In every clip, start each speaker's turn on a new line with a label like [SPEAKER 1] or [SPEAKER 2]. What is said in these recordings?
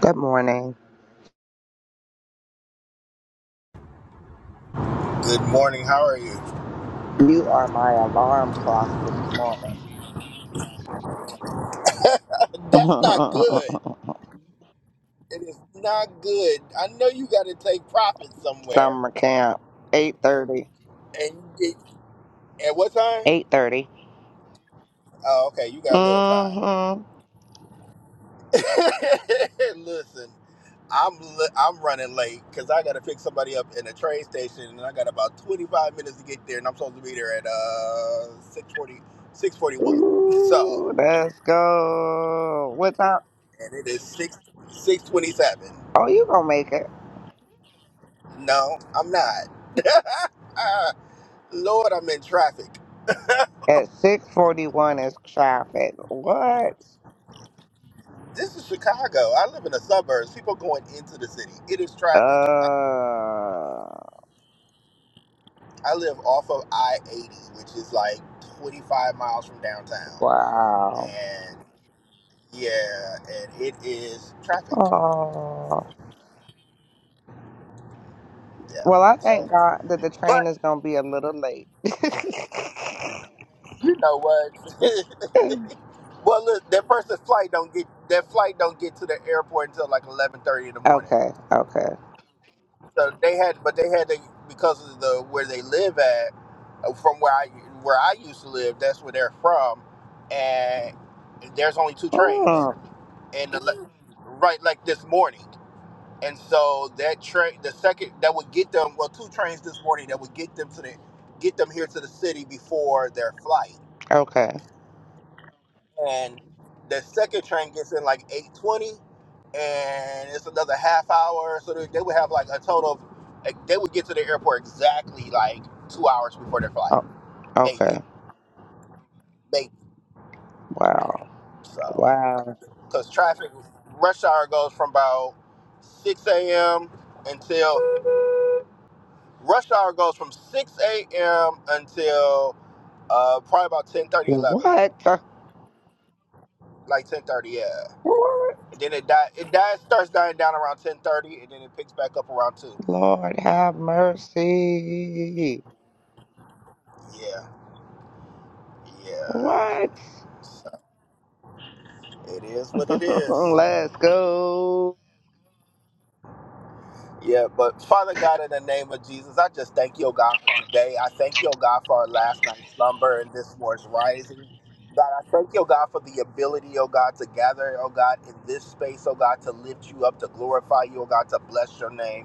[SPEAKER 1] Good morning.
[SPEAKER 2] Good morning. How are you?
[SPEAKER 1] You are my alarm clock this morning.
[SPEAKER 2] That's not good. It is not good. I know you got to take profit somewhere,
[SPEAKER 1] Summer camp, 8.30.
[SPEAKER 2] and it, at what time?
[SPEAKER 1] 8.30.
[SPEAKER 2] Oh, okay. You got a little time.
[SPEAKER 1] Mm-hmm.
[SPEAKER 2] Listen, I'm li- I'm running late because I got to pick somebody up in a train station, and I got about 25 minutes to get there, and I'm supposed to be there at uh 6:40 So,
[SPEAKER 1] Ooh, let's go. What time?
[SPEAKER 2] and it is six 6:27.
[SPEAKER 1] Oh, you gonna make it.
[SPEAKER 2] No, I'm not. Lord, I'm in traffic.
[SPEAKER 1] At 6.41 is traffic. What?
[SPEAKER 2] This is Chicago. I live in the suburbs. People going into the city. It is traffic. I,
[SPEAKER 1] Uh,
[SPEAKER 2] I live off of I 80, which is like 25 miles from downtown.
[SPEAKER 1] wow.
[SPEAKER 2] And yeah, and it is traffic.
[SPEAKER 1] Oh.
[SPEAKER 2] Yeah.
[SPEAKER 1] Well, I
[SPEAKER 2] So,
[SPEAKER 1] thank God that the
[SPEAKER 2] but
[SPEAKER 1] train is gonna be a little late.
[SPEAKER 2] you know what? well, look, that person's flight don't get that flight don't get to the airport until like 11:30 in the morning.
[SPEAKER 1] okay, okay.
[SPEAKER 2] So they had, but they had to because of the where they live at, uh, from where I where I used to live. That's where they're from, and there's only two
[SPEAKER 1] Mm.
[SPEAKER 2] trains, and the, le- right like this morning, and so that train, the second that would get them, well, two trains this morning that would get them to the get them here to the city before their flight
[SPEAKER 1] Okay.
[SPEAKER 2] and the second train gets in like 8.20 and it's another half hour so they they would have like a total of like, they would get to the airport exactly like two hours before their flight
[SPEAKER 1] Oh,
[SPEAKER 2] maybe
[SPEAKER 1] okay.
[SPEAKER 2] maybe
[SPEAKER 1] Wow.
[SPEAKER 2] so
[SPEAKER 1] Wow.
[SPEAKER 2] because traffic rush hour goes from about 6 a.m until rush hour goes from 6 a.m until uh probably about ten thirty, eleven,
[SPEAKER 1] What? the-
[SPEAKER 2] like ten thirty, yeah
[SPEAKER 1] What?
[SPEAKER 2] and then it die it dies starts dying down around 10 30, and then it picks back up around 2
[SPEAKER 1] Lord have mercy.
[SPEAKER 2] yeah. Yeah.
[SPEAKER 1] What?
[SPEAKER 2] So it is what it is.
[SPEAKER 1] Let's go.
[SPEAKER 2] Yeah, but Father God, in the name of Jesus, I just thank you, oh God, for today. I thank you, oh God, for our last night's slumber and this morning's rising. God, I thank you, oh God, for the ability, oh God, to gather, oh God, in this space, oh God, to lift you up, to glorify you, oh God, to bless your name.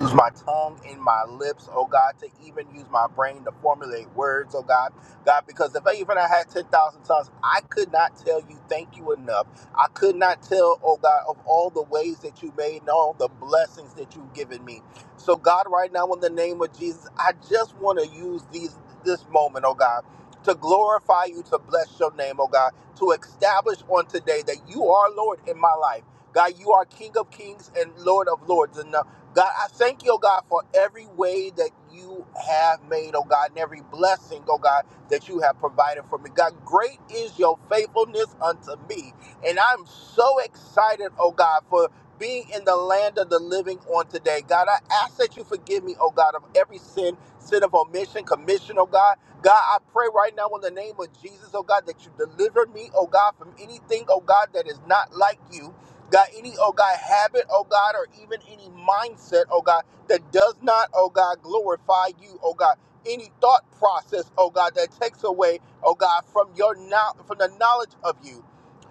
[SPEAKER 2] use my tongue and my lips, oh God, to even use my brain to formulate words, oh God. God, because if I even I had 10,000 tongues, I could not tell you thank you enough. I could not tell, oh God, of all the ways that you made and all the blessings that you've given me. So, God, right now, in the name of Jesus, I just want to use these this moment, oh God. To glorify you, to bless your name, oh God, to establish on today that you are Lord in my life. God, you are King of kings and Lord of lords. And uh, God, I thank you, oh God, for every way that you have made, oh God, and every blessing, oh God, that you have provided for me. God, great is your faithfulness unto me. And I'm so excited, oh God, for being in the land of the living on today. God, I ask that you forgive me, oh God, of every sin, sin of omission, commission, oh God. God, I pray right now in the name of Jesus, oh God, that you deliver me, oh God, from anything, oh God, that is not like you. God, any, oh God, habit, oh God, or even any mindset, oh God, that does not, oh God, glorify you, oh God. Any thought process, oh God, that takes away, oh God, from your now from the knowledge of you.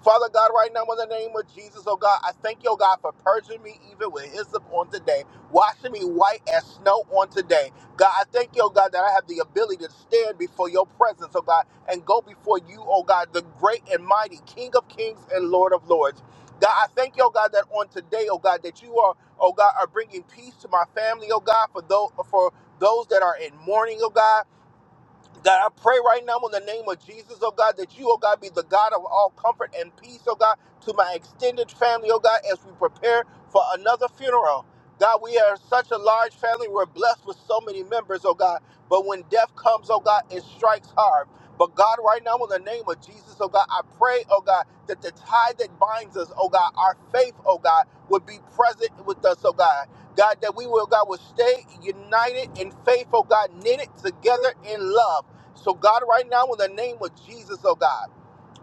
[SPEAKER 2] Father God, right now in the name of Jesus, oh God, I thank you, oh God, for purging me even with hyssop on today, washing me white as snow on today. God, I thank you, oh God, that I have the ability to stand before your presence, oh God, and go before you, oh God, the great and mighty King of kings and Lord of lords. God, I thank you, oh God, that on today, oh God, that you are, oh God, are bringing peace to my family, oh God, for those for those that are in mourning, oh God. God, I pray right now in the name of Jesus, oh God, that you, oh God, be the God of all comfort and peace, oh God, to my extended family, oh God, as we prepare for another funeral. God, we are such a large family. We're blessed with so many members, oh God. But when death comes, oh God, it strikes hard. But God, right now, in the name of Jesus, oh God, I pray, oh God, that the tie that binds us, oh God, our faith, oh God, would be present with us, oh God. God, that we will, God, will stay united in faith, oh God, knitted together in love. So, God, right now, in the name of Jesus, oh God,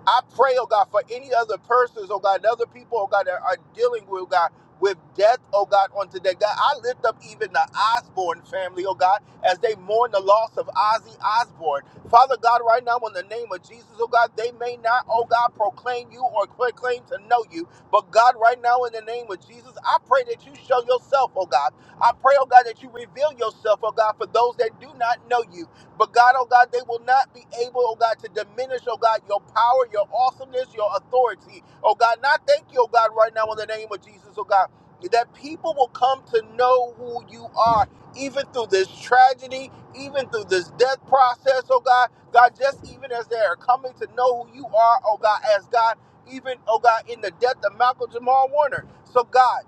[SPEAKER 2] I pray, oh God, for any other persons, oh God, and other people, oh God, that are dealing with, oh God, with death, oh God, on today. God, I lift up even the Osborne family, oh God, as they mourn the loss of Ozzy Osborne. Father God, right now, in the name of Jesus, oh God, they may not, oh God, proclaim you or cl- claim to know you, but God, right now, in the name of Jesus, I pray that you show yourself, oh God. I pray, oh God, that you reveal yourself, oh God, for those that do not know you. But God, oh God, they will not be able, oh God, to diminish, oh God, your power, your awesomeness, your authority. Oh God, and I thank you, oh God, right now in the name of Jesus, oh God, that people will come to know who you are, even through this tragedy, even through this death process, oh God. God, just even as they are coming to know who you are, oh God, as God, even, oh God, in the death of Malcolm Jamal Warner. So, God,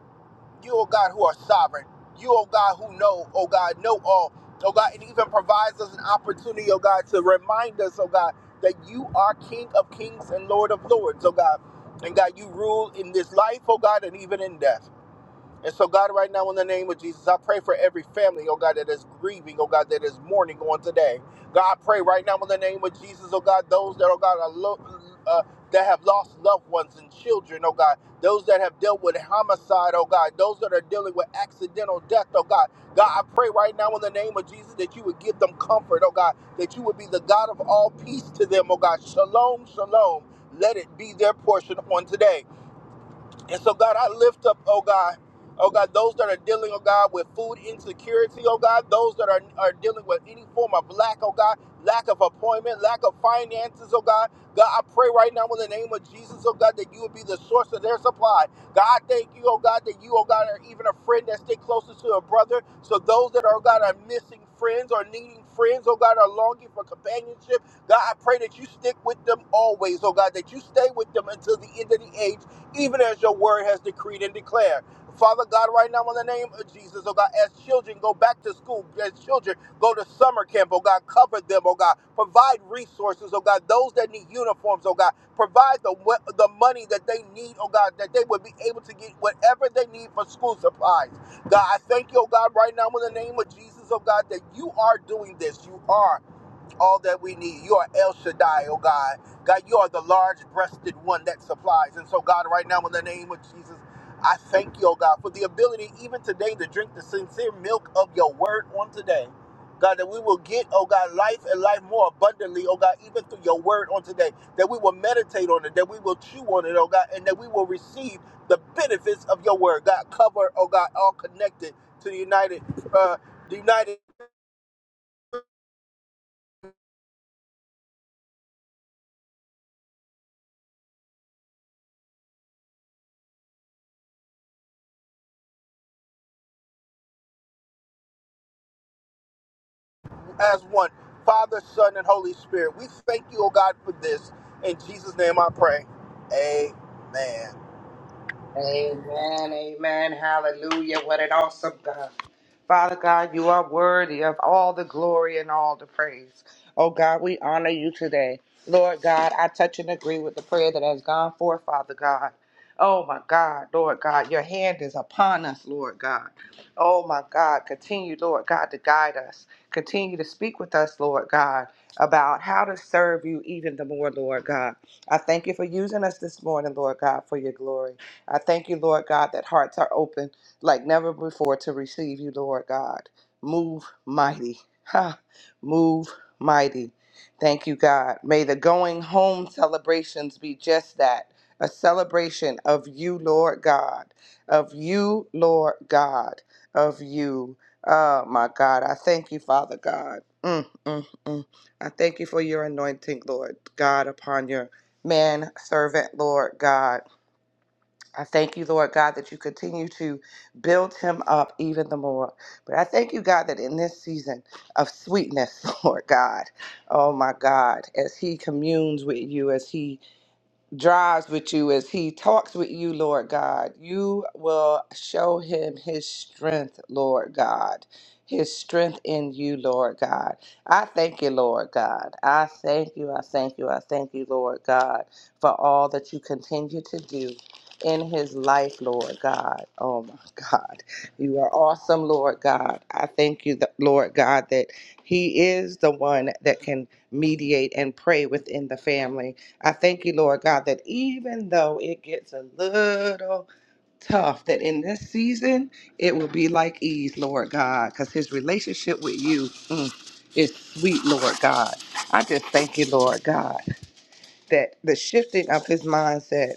[SPEAKER 2] you, O God, who are sovereign. You, O God, who know, O God, know all. O God, and even provides us an opportunity, O God, to remind us, O God, that you are King of kings and Lord of lords, O God. And God, you rule in this life, O God, and even in death. And so, God, right now, in the name of Jesus, I pray for every family, oh God, that is grieving, oh God, that is mourning on today. God, I pray right now, in the name of Jesus, oh God, those that, oh God, are lo- uh, that have lost loved ones and children, oh God, those that have dealt with homicide, oh God, those that are dealing with accidental death, oh God. God, I pray right now in the name of Jesus that you would give them comfort, oh God, that you would be the God of all peace to them, oh God. Shalom, shalom. Let it be their portion on today. And so, God, I lift up, oh God, oh God, those that are dealing, oh God, with food insecurity, oh God, those that are, are dealing with any form of lack, oh God, lack of appointment, lack of finances, oh God. God, I pray right now in the name of Jesus, oh God, that you would be the source of their supply. God, thank you, oh God, that you, oh God, are even a friend that stay closest to a brother. So those that are, oh God, are missing friends or needing friends, oh God, are longing for companionship. God, I pray that you stick with them always, oh God, that you stay with them until the end of the age even as your word has decreed and declared. Father God, right now in the name of Jesus, oh God, as children go back to school, as children go to summer camp, oh God, cover them, oh God, provide resources, oh God, those that need uniforms, oh God, provide the we- the money that they need, oh God, that they would be able to get whatever they need for school supplies. God, I thank you, oh God, right now in the name of Jesus, oh God, that you are doing this. You are all that we need. You are El Shaddai, oh God. God, you are the large breasted one that supplies. And so, God, right now, in the name of Jesus, I thank you, oh God, for the ability even today to drink the sincere milk of your word on today. God, that we will get, oh God, life and life more abundantly, oh God, even through your word on today. That we will meditate on it, that we will chew on it, oh God, and that we will receive the benefits of your word. God, cover, oh God, all connected to the United, uh, the United. as one, Father, Son, and Holy Spirit. We thank you, oh God, for this. In Jesus' name I pray. Amen.
[SPEAKER 1] Amen, amen, hallelujah. What an awesome God. Father God, you are worthy of all the glory and all the praise. Oh God, we honor you today. Lord God, I touch and agree with the prayer that has gone forth, Father God. Oh my God, Lord God, your hand is upon us, Lord God. Oh my God, continue, Lord God, to guide us. Continue to speak with us, Lord God, about how to serve you even the more, Lord God. I thank you for using us this morning, Lord God, for your glory. I thank you, Lord God, that hearts are open like never before to receive you, Lord God. Move mighty. Ha. Move mighty. Thank you, God. May the going home celebrations be just that a celebration of you, Lord God, of you, Lord God, of you. Oh, my God. I thank you, Father God. Mm, mm, mm. I thank you for your anointing, Lord God, upon your man servant, Lord God. I thank you, Lord God, that you continue to build him up even the more. But I thank you, God, that in this season of sweetness, Lord God, oh my God, as he communes with you, as he drives with you, as he talks with you, Lord God, you will show him his strength, Lord God. His strength in you, Lord God. I thank you, Lord God. I thank you, I thank you, I thank you, Lord God, for all that you continue to do in his life, Lord God. Oh my God. You are awesome, Lord God. I thank you, th- Lord God, that he is the one that can mediate and pray within the family. I thank you, Lord God, that even though it gets a little tough, that in this season it will be like ease, Lord God, because his relationship with you mm, is sweet, Lord God. I just thank you, Lord God, that the shifting of his mindset,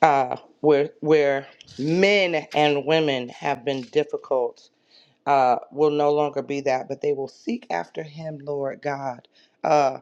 [SPEAKER 1] uh, where where men and women have been difficult, uh, will no longer be that, but they will seek after him, Lord God. Uh,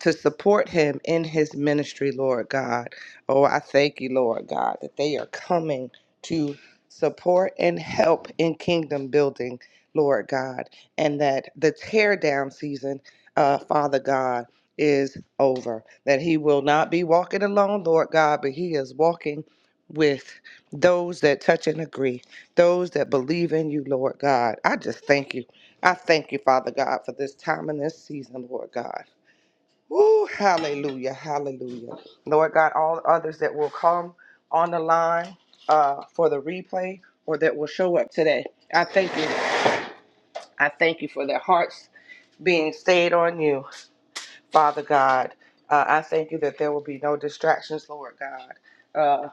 [SPEAKER 1] to support him in his ministry, Lord God. Oh, I thank you, Lord God, that they are coming to support and help in kingdom building, Lord God, and that the tear down season, uh, Father God, is over. That he will not be walking alone, Lord God, but he is walking with those that touch and agree, those that believe in you, Lord God. I just thank you. I thank you, Father God, for this time and this season, Lord God. Woo, hallelujah, hallelujah. Lord God, all others that will come on the line uh, for the replay or that will show up today, I thank you. I thank you for their hearts being stayed on you, Father God. Uh, I thank you that there will be no distractions, Lord God, uh,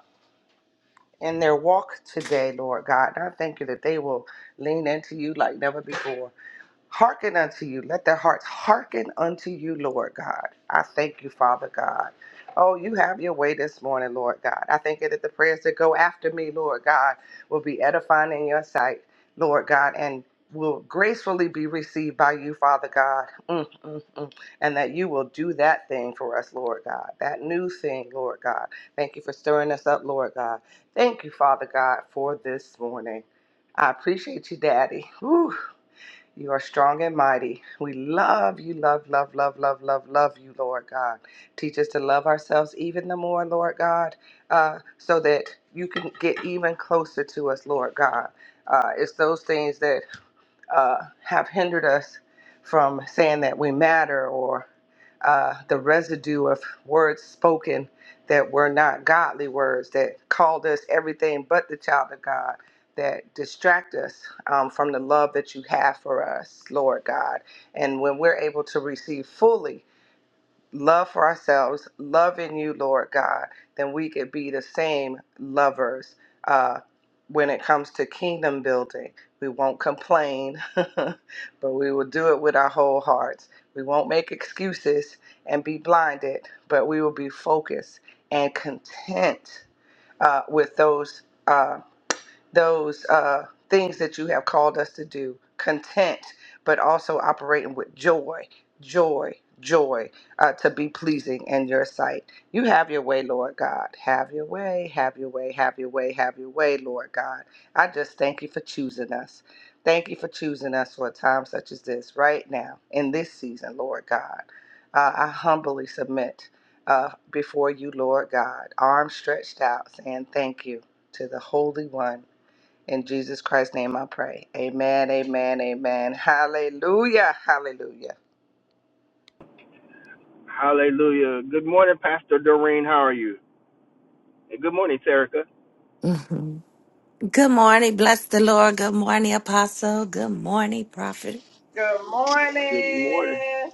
[SPEAKER 1] in their walk today, Lord God. And I thank you that they will lean into you like never before. Hearken unto you. Let their hearts hearken unto you, Lord God. I thank you, Father God. Oh, you have your way this morning, Lord God. I thank you that the prayers that go after me, Lord God, will be edifying in your sight, Lord God, and will gracefully be received by you, Father God. Mm, mm, mm. And that you will do that thing for us, Lord God, that new thing, Lord God. Thank you for stirring us up, Lord God. Thank you, Father God, for this morning. I appreciate you, Daddy. Whew. You are strong and mighty. We love you, love, love, love, love, love, love you, Lord God. Teach us to love ourselves even the more, Lord God, uh, so that you can get even closer to us, Lord God. Uh, it's those things that uh, have hindered us from saying that we matter or uh, the residue of words spoken that were not godly words that called us everything but the child of God, that distract us um, from the love that you have for us, Lord God. And when we're able to receive fully love for ourselves, love in you, Lord God, then we could be the same lovers uh, when it comes to kingdom building. We won't complain, but we will do it with our whole hearts. We won't make excuses and be blinded, but we will be focused and content uh, with those. uh, those uh, things that you have called us to do, content, but also operating with joy, joy, joy, uh, to be pleasing in your sight. You have your way, Lord God. Have your way, have your way, have your way, have your way, Lord God. I just thank you for choosing us. Thank you for choosing us for a time such as this, right now, in this season, Lord God. Uh, I humbly submit uh, before you, Lord God, arms stretched out, saying thank you to the Holy One in Jesus Christ's name I pray. Amen, amen, amen. Hallelujah, hallelujah.
[SPEAKER 2] Hallelujah. Good morning, Pastor Doreen. How are you? And good morning, Terica.
[SPEAKER 3] hmm Good morning. Bless the Lord. Good morning, Apostle. Good morning, Prophet.
[SPEAKER 1] Good
[SPEAKER 2] Good morning.
[SPEAKER 1] morning.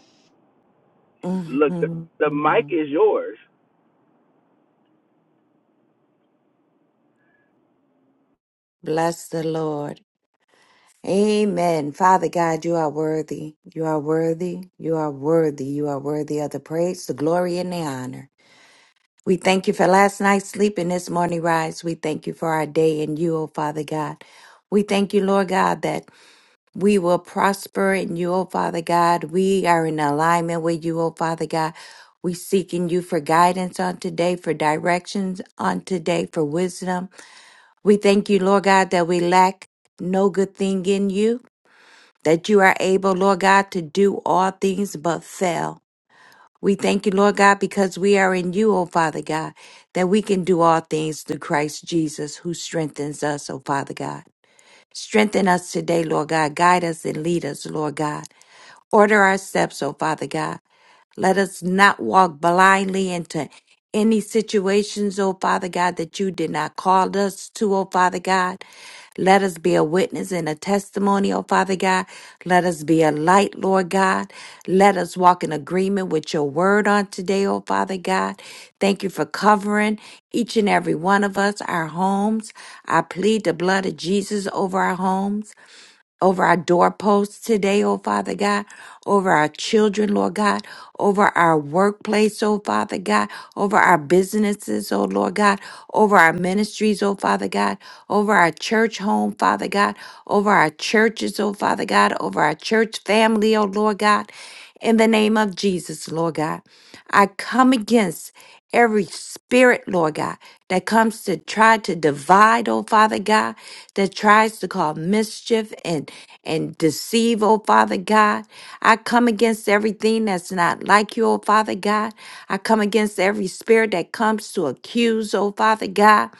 [SPEAKER 2] Look, the,
[SPEAKER 3] hmm
[SPEAKER 2] the mic is yours.
[SPEAKER 3] Bless the Lord. Amen. Father God, you are worthy. You are worthy. You are worthy. You are worthy of the praise, the glory, and the honor. We thank you for last night's sleep and this morning rise. We thank you for our day and you, O Father God. We thank you, Lord God, that We will prosper in you, O Father God. We are in alignment with you, O Father God. We seeking you for guidance on today, for directions on today, for wisdom. We thank you, Lord God, that we lack no good thing in you, that you are able, Lord God, to do all things but fail. We thank you, Lord God, because we are in you, O Father God, that we can do all things through Christ Jesus who strengthens us, O Father God. Strengthen us today, Lord God. Guide us and lead us, Lord God. Order our steps, O Father God. Let us not walk blindly into any situations, O Father God, that you did not call us to, O Father God. Let us be a witness and a testimony, O Father God. Let us be a light, Lord God. Let us walk in agreement with your word on today, O Father God. Thank you for covering each and every one of us, our homes. I plead the blood of Jesus over our homes over our doorposts today, oh Father God, over our children, Lord God, over our workplace, oh Father God, over our businesses, oh Lord God, over our ministries, oh Father God, over our church home, Father God, over our churches, oh Father God, over our church family, oh Lord God, in the name of Jesus, Lord God. I come against every spirit, Lord God, that comes to try to divide, oh Father God, that tries to cause mischief and and deceive, oh Father God. I come against everything that's not like you, oh Father God. I come against every spirit that comes to accuse, oh Father God.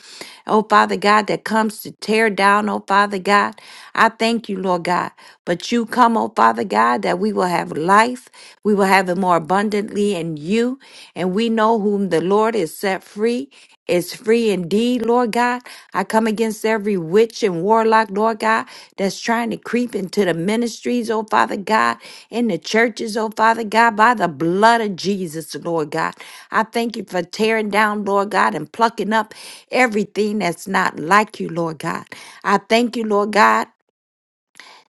[SPEAKER 3] Oh Father God, that comes to tear down, oh Father God. I thank you, Lord God. But you come, oh Father God. that that we will have life, we will have it more abundantly in you. And we know whom the Lord is set free is free indeed, Lord God. I come against every witch and warlock, Lord God, that's trying to creep into the ministries, oh Father God, in the churches, oh Father God, by the blood of Jesus, Lord God. I thank you for tearing down, Lord God, and plucking up everything that's not like you, Lord God. I thank you, Lord God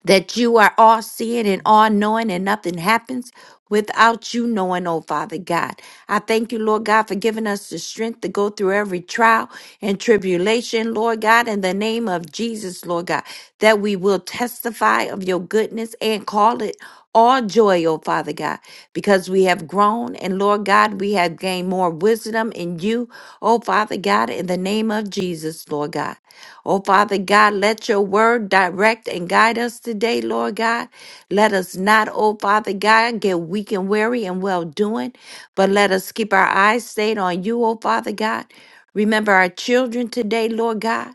[SPEAKER 3] that you are all seeing and all knowing, and nothing happens without you knowing, oh Father God. I thank you, Lord God, for giving us the strength to go through every trial and tribulation, Lord God, in the name of Jesus, Lord God, that we will testify of your goodness and call it all joy, oh Father God, because we have grown and Lord God, we have gained more wisdom in you, oh Father God, in the name of Jesus, Lord God. Oh Father God, let your word direct and guide us today, Lord God. Let us not, oh Father God, get weak and weary and well doing, but let us keep our eyes stayed on you, oh Father God. Remember our children today, Lord God.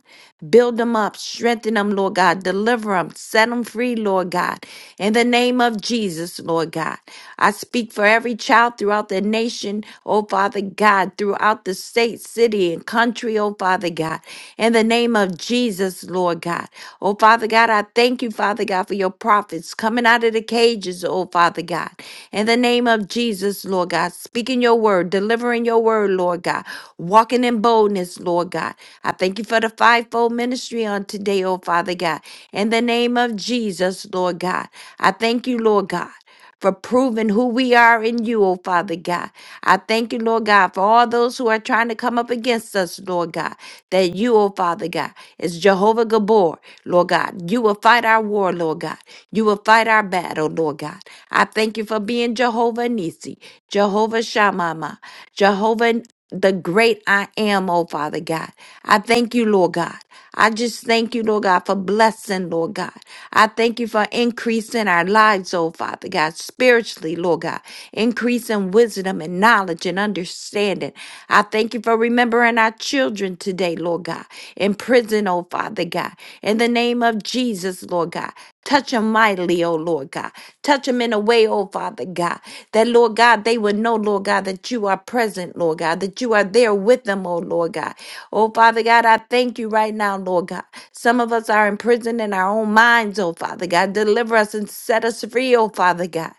[SPEAKER 3] Build them up, strengthen them, Lord God. Deliver them, set them free, Lord God. In the name of Jesus, Lord God. I speak for every child throughout the nation, oh Father God, throughout the state, city, and country, oh Father God. In the name of Jesus, Lord God. Oh Father God, I thank you, Father God, for your prophets coming out of the cages, oh Father God. In the name of Jesus, Lord God, speaking your word word, delivering your word, Lord God, walking in boldness, Lord God. I thank you for the fivefold ministry on today, oh Father God. In the name of Jesus, Lord God, I thank you, Lord God. For proving who we are in you, oh Father God. I thank you, Lord God, for all those who are trying to come up against us, Lord God, that you, oh Father God, is Jehovah Gabor, Lord God. You will fight our war, Lord God. You will fight our battle, Lord God. I thank you for being being Jehovah Nisi, Jehovah Shammah, Jehovah the great I am, oh Father God. I thank you, Lord God. I just thank you, Lord God, for blessing, Lord God. I thank you for increasing our lives, oh Father God, spiritually, Lord God, increasing wisdom and knowledge and understanding. I thank you for remembering our children today, Lord God, in prison, oh Father God. In the name of Jesus, Lord God. Touch them mightily, oh Lord God. Touch them in a way, oh Father God, that Lord God, they would know, Lord God, that you are present, Lord God, that you are there with them, oh Lord God. Oh Father God, I thank you right now, Lord God. Some of us are imprisoned in our own minds, oh Father God. Deliver us and set us free, oh Father God.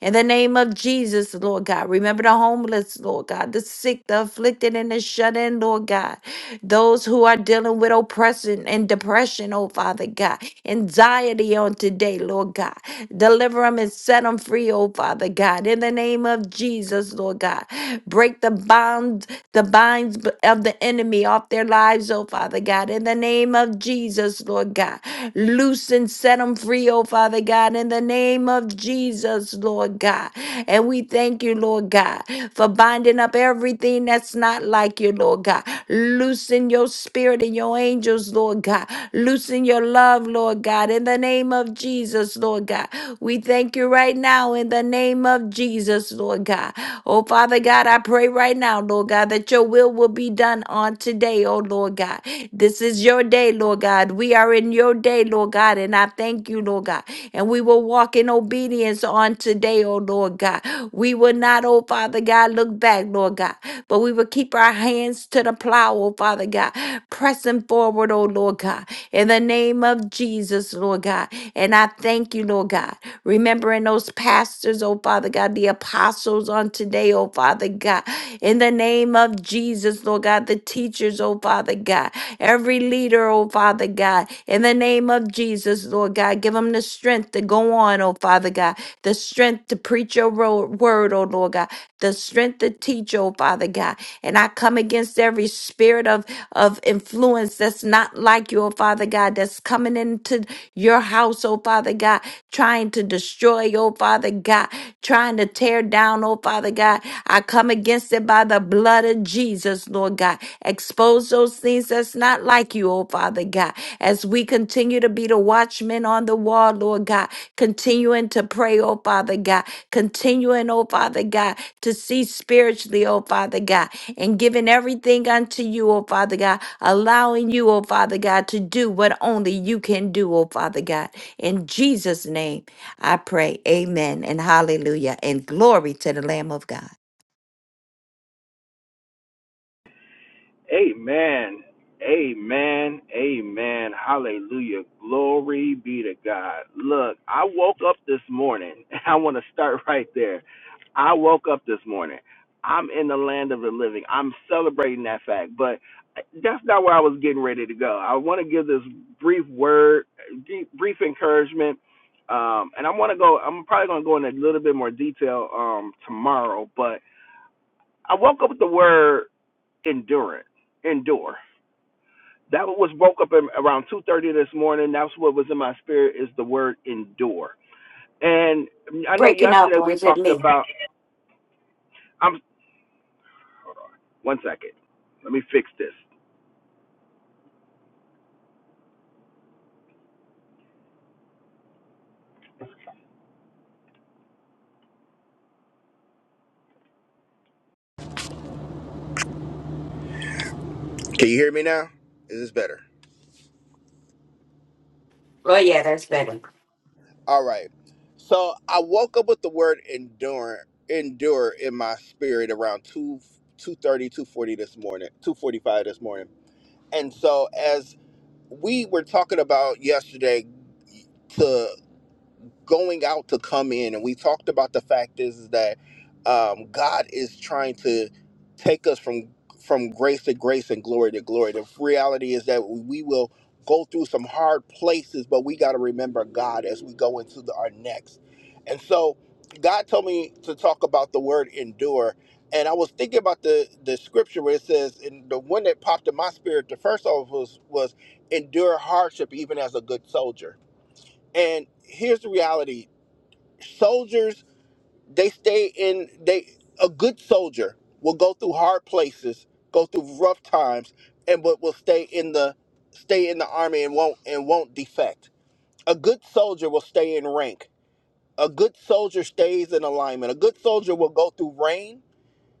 [SPEAKER 3] In the name of Jesus, Lord God. Remember the homeless, Lord God, the sick, the afflicted, and the shut in, Lord God. Those who are dealing with oppression and depression depression, oh Father God, anxiety on today, Lord God. Deliver them and set them free, oh Father God. In the name of Jesus, Lord God. Break the bonds, the binds b- of the enemy off their lives, oh Father God. In the name of Jesus, Lord God. Loose and set them free, oh Father God. In the name of Jesus, Lord God. And we thank you, Lord God, for binding up everything that's not like you, Lord God. Loosen your send your spirit and your angels, Lord God. Loosen your love, Lord God, in the name of Jesus, Lord God. We thank you right now in the name of Jesus, Lord God. Oh, Father God, I pray right now, Lord God, that your will will be done on today, oh, Lord God. This is your day, Lord God. We are in your day, Lord God, and I thank you, Lord God. And we will walk in obedience on today, oh, Lord God. We will not, oh, Father God, look back, Lord God, but we will will keep our hands to the plow, oh Father God, pressing forward, oh Lord God, in the name of Jesus, Lord God. And I thank you, Lord God, remembering those pastors, oh Father God, the apostles on today, oh Father God, in the name of Jesus, Lord God, the teachers, oh Father God, every leader, oh Father God, in the name of Jesus, Lord God, give them the strength to go on, oh Father God, the strength to preach your ro- word, oh Lord God, the strength to teach, oh Father God. And I come against every spirit of, of influence that's not like you, oh Father God, that's coming into your house, oh Father God, trying to destroy, oh Father God, trying to tear down, oh Father God. I come against it by the blood of Jesus, Lord God. Expose those things that's not not like you, oh Father God. As we continue to be the watchmen on the wall, Lord God, continuing to pray, oh Father God, continuing, oh Father God, to see spiritually, oh Father God, and giving everything unto you, oh Father God, allowing you, oh Father God, to do what only you can do, oh Father God. In Jesus' name, I pray. Amen and hallelujah and glory to the Lamb of God.
[SPEAKER 2] Amen. Amen. Amen. Hallelujah. Glory be to God. Look, I woke up this morning. I want to start right there. I woke up this morning. I'm in the land of the living. I'm celebrating that fact, but that's not where I was getting ready to go. I want to give this brief word, deep- brief encouragement. Um, and I want to go, I'm probably going to go in a little bit more detail um, tomorrow, but I woke up with the word endurance endure. That was woke up in, around 2:30 this morning. That's what was in my spirit is the word endure. And I know
[SPEAKER 3] Breaking up,
[SPEAKER 2] yesterday
[SPEAKER 3] or
[SPEAKER 2] we
[SPEAKER 3] is it
[SPEAKER 2] talked
[SPEAKER 3] me?
[SPEAKER 2] about. I'm one second. Let me fix this. Can you hear me now? Is this better?
[SPEAKER 3] Oh, yeah, that's better.
[SPEAKER 2] All right. So I woke up with the word endure, endure in my spirit around 2 two thirty two forty this morning, 245 this morning. And so as we were talking about yesterday going out to come in and we talked about the fact is, is that um, god is trying to take us from from grace to grace and glory to glory the reality is that we will go through some hard places but we got to remember god as we go into the, our next and so god told me to talk about the word endure and i was thinking about the the scripture where it says and the one that popped in my spirit the first of was was endure hardship even as a good soldier and here's the reality soldiers they stay in they a good soldier will go through hard places go through rough times and but will stay in the stay in the army and won't and won't defect a good soldier will stay in rank a good soldier stays in alignment a good soldier will go through rain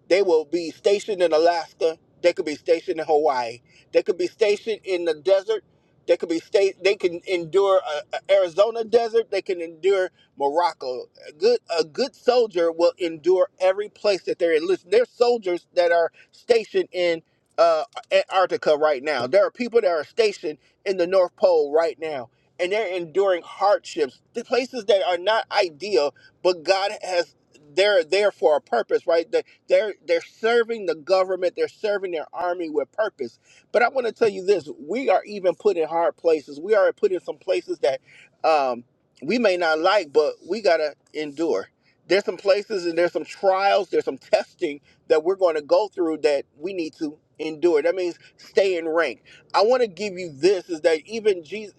[SPEAKER 2] they will be stationed in Alaska. They could be stationed in Hawaii. They could be stationed in the desert. They could be state. They can endure a, a Arizona desert. They can endure Morocco. A good a good soldier will endure every place that they're in. Listen, there's soldiers that are stationed in uh, Antarctica right now. There are people that are stationed in the North Pole right now, and they're enduring hardships. The places that are not ideal, but God has they're there for a purpose, right? They're they're serving the government, they're serving their army with purpose. But I want to tell you this: we are even put in hard places. We are put in some places that um, we may not like, but we gotta endure. There's some places and there's some trials, there's some testing that we're going to go through that we need to endure. That means stay in rank. I want to give you this: is that even Jesus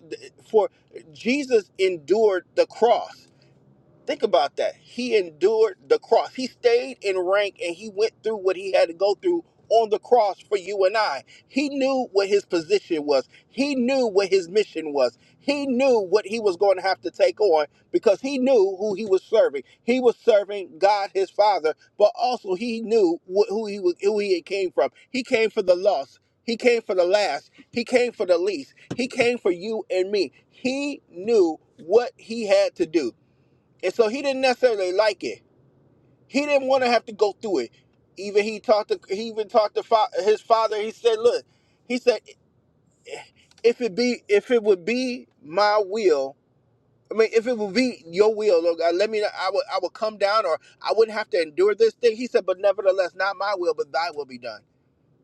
[SPEAKER 2] for Jesus endured the cross Think about that. He endured the cross. He stayed in rank and he went through what he had to go through on the cross for you and I. He knew what his position was. He knew what his mission was. He knew what he was going to have to take on because he knew who he was serving. He was serving God his Father, but also he knew wh- who he was, who he came from. He came for the lost. He came for the last. He came for the least. He came for you and me. He knew what he had to do. And so he didn't necessarily like it. He didn't want to have to go through it. Even he talked to he even talked to fa- his father. He said, "Look," he said, "If it be if it would be my will, I mean, if it would be your will, Lord God, let me. I would I would come down, or I wouldn't have to endure this thing." He said, "But nevertheless, not my will, but Thy will be done."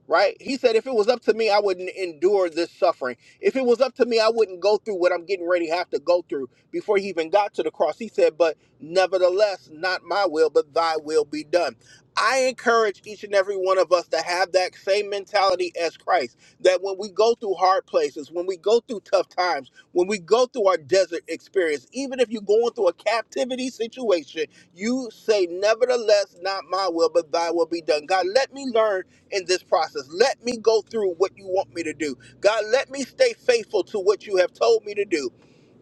[SPEAKER 2] right? He said, if it was up to me, I wouldn't endure this suffering. If it was up to me, I wouldn't go through what I'm getting ready to have to go through before he even got to the cross. He said, but nevertheless, not my will, but thy will be done. I encourage each and every one of us to have that same mentality as Christ that when we go through hard places, when we go through tough times, when we go through our desert experience, even if you're going through a captivity situation, you say, Nevertheless, not my will, but thy will be done. God, let me learn in this process. Let me go through what you want me to do. God, let me stay faithful to what you have told me to do.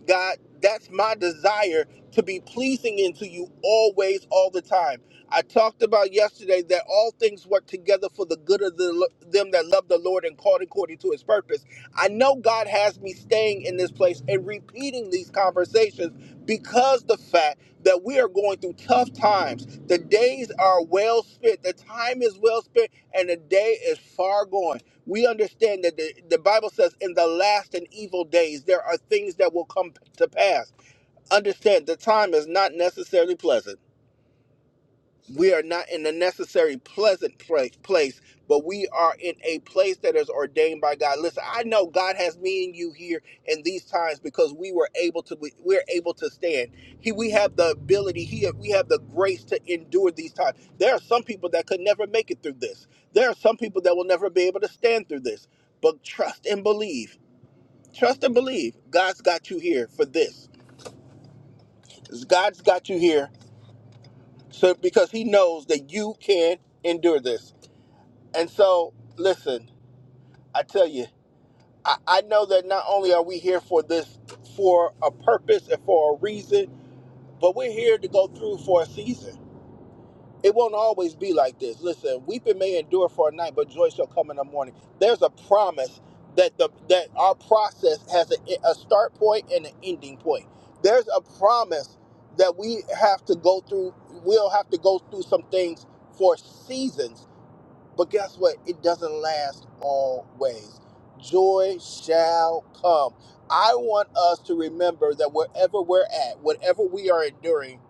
[SPEAKER 2] God, that's my desire to be pleasing into you always, all the time. I talked about yesterday that all things work together for the good of the, them that love the Lord and called according to his purpose. I know God has me staying in this place and repeating these conversations because the fact that we are going through tough times. The days are well spent, the time is well spent, and the day is far gone we understand that the, the Bible says in the last and evil days there are things that will come to pass. Understand the time is not necessarily pleasant we are not in a necessary pleasant place, place, but we are in a place that is ordained by God. Listen, I know God has me and you here in these times because we were able to we, we're able to stand. He we have the ability, he we have the grace to endure these times. There are some people that could never make it through this. There are some people that will never be able to stand through this. But trust and believe. Trust and believe. God's got you here for this. God's got you here so because he knows that you can endure this. And so, listen, I tell you, I, I know that not only are we here for this, for a purpose and for a reason, but we're here to go through for a season. It won't always be like this. Listen, weeping may endure for a night, but joy shall come in the morning. There's a promise that the that our process has a, a start point and an ending point. There's a promise that we have to go through. We'll have to go through some things for seasons but guess what? It doesn't last always. Joy shall come. I want us to remember that wherever we're at, whatever we are enduring,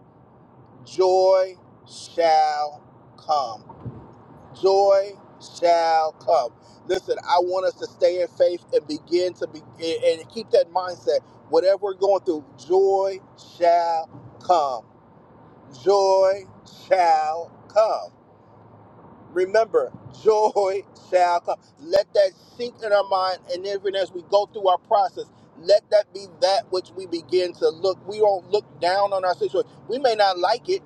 [SPEAKER 2] joy shall come. Joy shall come. Listen, I want us to stay in faith and begin to be and and keep that mindset. Whatever we're going through, joy shall come. Joy shall come. Remember, joy shall come. Let that sink in our mind, and even as we go through our process, let that be that which we begin to look. We won't look down on our situation. We may not like it.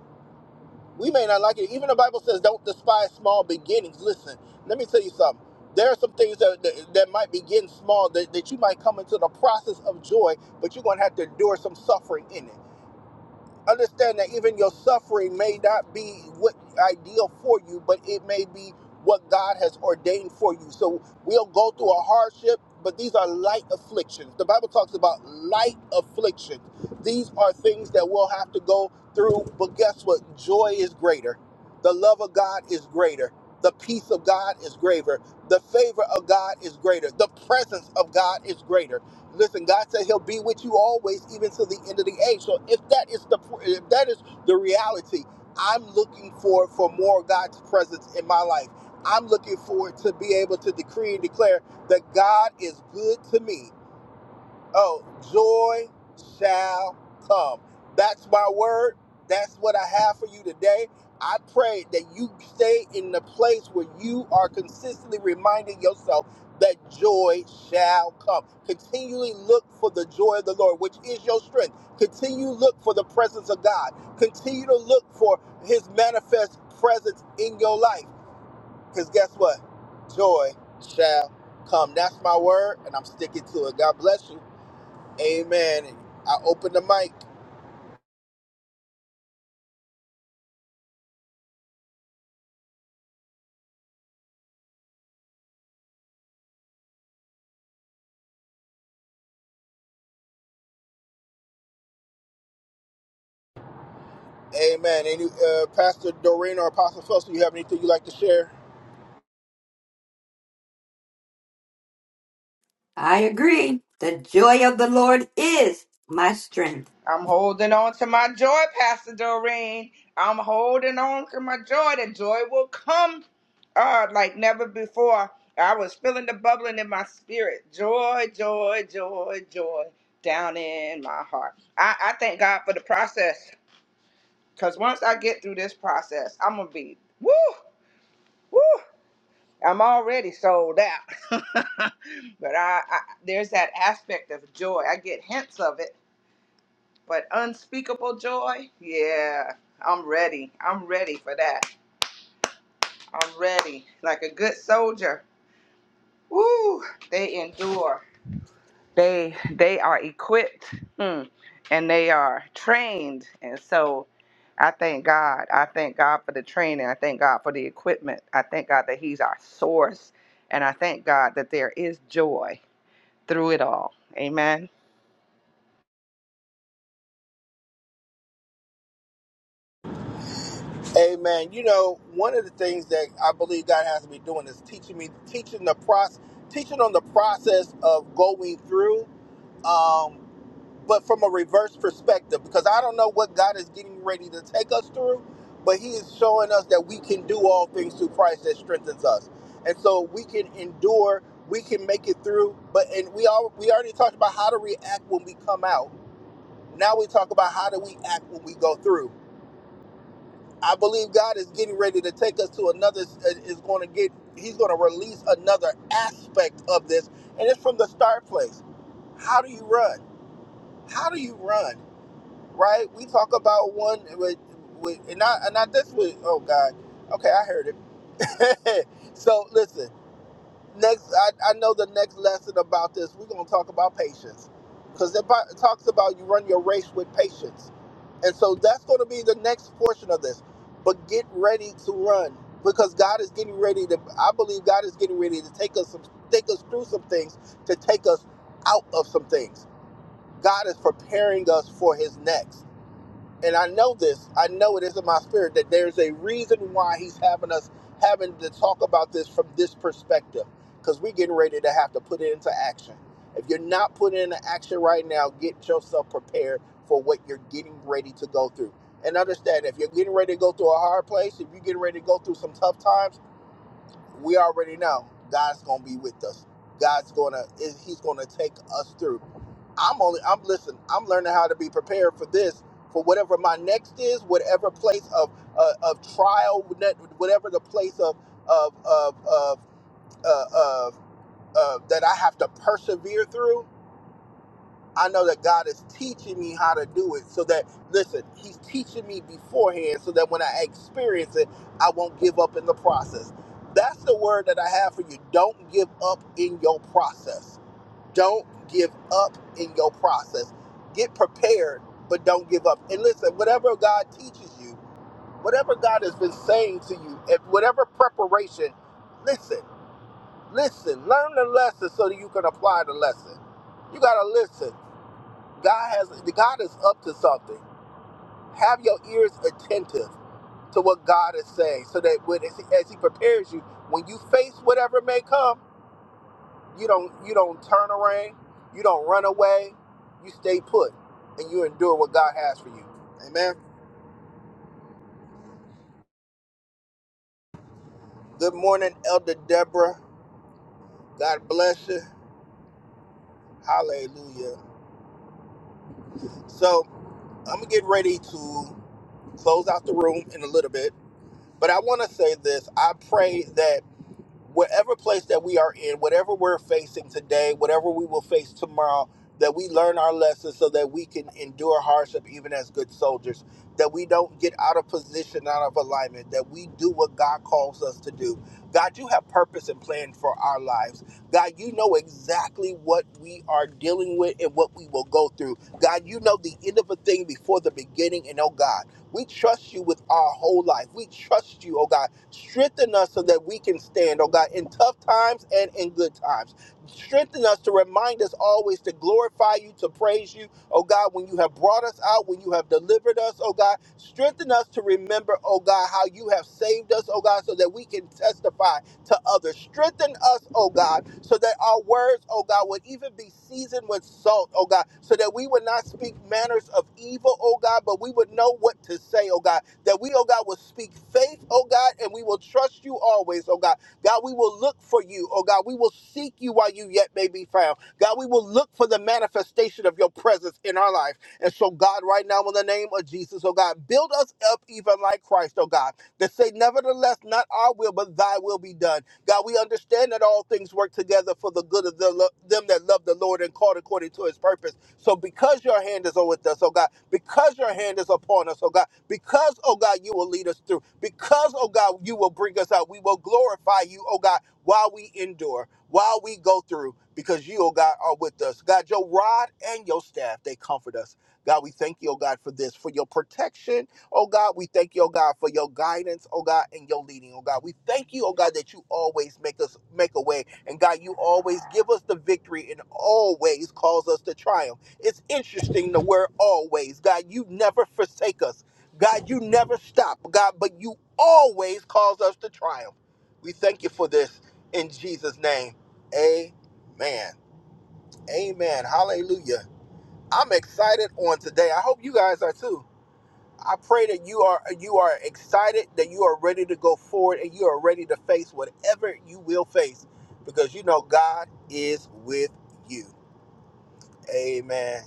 [SPEAKER 2] We may not like it. Even the Bible says, "Don't despise small beginnings." Listen, let me tell you something. There are some things that that, that might begin small that, that you might come into the process of joy, but you're going to have to endure some suffering in it understand that even your suffering may not be what ideal for you, but it may be what God has ordained for you. So we'll go through a hardship, but these are light afflictions. The Bible talks about light afflictions. These are things that we'll have to go through, but guess what? Joy is greater. The love of God is greater. The peace of God is greater. The favor of God is greater. The presence of God is greater. Listen, God said He'll be with you always, even to the end of the age. So if that is the if that is the reality, I'm looking for for more of God's presence in my life. I'm looking forward to be able to decree and declare that God is good to me. Oh, joy shall come. That's my word. That's what I have for you today. I pray that you stay in the place where you are consistently reminding yourself that joy shall come. Continually look for the joy of the Lord, which is your strength. Continue to look for the presence of God. Continue to look for his manifest presence in your life. Because guess what? Joy shall come. That's my word, and I'm sticking to it. God bless you. Amen. I open the mic. Amen. Any uh, Pastor Doreen or Apostle Phil, you have anything you'd like to share?
[SPEAKER 3] I agree. The joy of the Lord is my strength.
[SPEAKER 1] I'm holding on to my joy, Pastor Doreen. I'm holding on to my joy. The joy will come uh, like never before. I was feeling the bubbling in my spirit. Joy, joy, joy, joy down in my heart. I, I thank God for the process because once I get through this process, I'm going to be, woo, woo. I'm already sold out. but I, I there's that aspect of joy. I get hints of it, but unspeakable joy. Yeah, I'm ready. I'm ready for that. I'm ready. Like a good soldier. Woo! They endure. They they are equipped. Hmm. And they are trained. And so I thank God. I thank God for the training. I thank God for the equipment. I thank God that He's our source. And I thank God that there is joy through it all. Amen.
[SPEAKER 2] Amen. You know, one of the things that I believe God has me doing is teaching me, teaching the process, teaching on the process of going through. Um, but from a reverse perspective because I don't know what God is getting ready to take us through, but He is showing us that we can do all things through Christ that strengthens us, and so we can endure, we can make it through. But and we all we already talked about how to react when we come out. Now we talk about how do we act when we go through. I believe God is getting ready to take us to another. Is going to get. He's going to release another aspect of this, and it's from the start place. How do you run? How do you run? right? We talk about one with, with and not and not this week. Oh God, okay, I heard it. so listen, next I, I know the next lesson about this. We're gonna talk about patience because it bu- talks about you run your race with patience, and so that's gonna be the next portion of this. But get ready to run because God is getting ready to. I believe God is getting ready to take us some, take us through some things to take us out of some things. God is preparing us for His next and I know this, I know it is in my spirit that there's a reason why he's having us having to talk about this from this perspective because we're getting ready to have to put it into action. If you're not putting it into action right now, get yourself prepared for what you're getting ready to go through. And understand if you're getting ready to go through a hard place, if you're getting ready to go through some tough times, we already know God's gonna be with us. God's gonna is- He's gonna take us through. I'm only I'm listen. I'm learning how to be prepared for this, for whatever my next is, whatever place of uh, of trial, whatever the place of of of of uh, of uh, that I have to persevere through. I know that God is teaching me how to do it so that, listen, He's teaching me beforehand so that when I experience it, I won't give up in the process. That's the word that I have for you. Don't give up in your process. Don't give up in your process. Get prepared, but don't give up. And listen, whatever God teaches you, whatever God has been saying to you, and whatever preparation, listen, listen, learn the lesson so that you can apply the lesson. You got to listen. God has God is up to something. Have your ears attentive to what God is saying, so that when as he, as he prepares you, when you face whatever may come, you don't you don't turn around, you don't run away, you stay put, and you endure what God has for you. Amen. Good morning, Elder Deborah. God bless you. Hallelujah. So I'm gonna get ready to close out the room in a little bit, but I want to say this. I pray that. whatever place that we are in, whatever we're facing today, whatever we will face tomorrow, that we learn our lessons so that we can endure hardship even as good soldiers, that we don't get out of position, out of alignment, that we do what God calls us to do. God, you have purpose and plan for our lives. God, you know exactly what we are dealing with and what we will go through. God, you know the end of a thing before the beginning. And oh God, we trust you with our whole life. We trust you, oh God. Strengthen us so that we can stand, oh God, in tough times and in good times. Strengthen us to remind us always to glorify you, to praise you, oh God, when you have brought us out, when you have delivered us, oh God. Strengthen us to remember, oh God, how you have saved us, oh God, so that we can testify to others. Strengthen us, oh God, so that our words, oh God, would even be seasoned with salt, oh God, so that we would not speak manners of evil, oh God, but we would know what to say, oh God. That we, oh God, will speak faith, oh God, and we will trust you always, oh God. God, we will look for you, oh God. We will seek you while you yet may be found. God, we will look for the manifestation of your presence in our life. And so, God, right now, in the name of Jesus, oh God, build us up even like Christ, oh God that say, Nevertheless, not our will, but thy will be done. God, we understand that all things work together for the good of the, lo- them that love the Lord and called according to his purpose. So because your hand is with us, oh God, because your hand is upon us, oh God, because, oh God, you will lead us through, because, oh God, you will bring us out, we will glorify you, oh God, while we endure, while we go through, because you, oh God, are with us. God, your rod and your staff, they comfort us. God, we thank you, oh God, for this, for your protection Oh God, we thank you, oh God, for your guidance, oh God, and your leading, oh God. We thank you, oh God, that you always make us make a way. And God, you always give us the victory and always cause us to triumph. It's interesting the word always. God, you never forsake us. God, you never stop, God, but you always cause us to triumph. We thank you for this in Jesus' name. Amen. Amen. Hallelujah. I'm excited on today. I hope you guys are too. I pray that you are you are excited, that you are ready to go forward, and you are ready to face whatever you will face, because you know God is with you. Amen.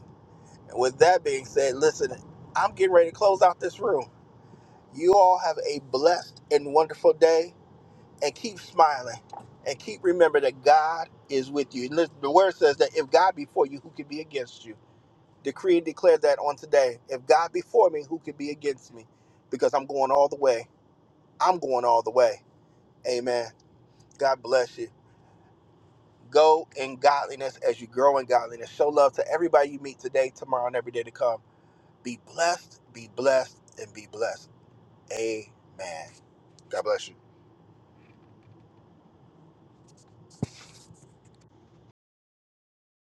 [SPEAKER 2] And with that being said, listen, I'm getting ready to close out this room. You all have a blessed and wonderful day, and keep smiling, and keep remembering that God is with you. And listen, the word says that if God be for you, who can be against you? Decree and declare that on today. If God be for me, who can be against me? Because I'm going all the way I'm going all the way. Amen. God bless you. Go in godliness as you grow in godliness. Show love to everybody you meet today, tomorrow, and every day to come. Be blessed, be blessed, and be blessed. Amen. God bless you.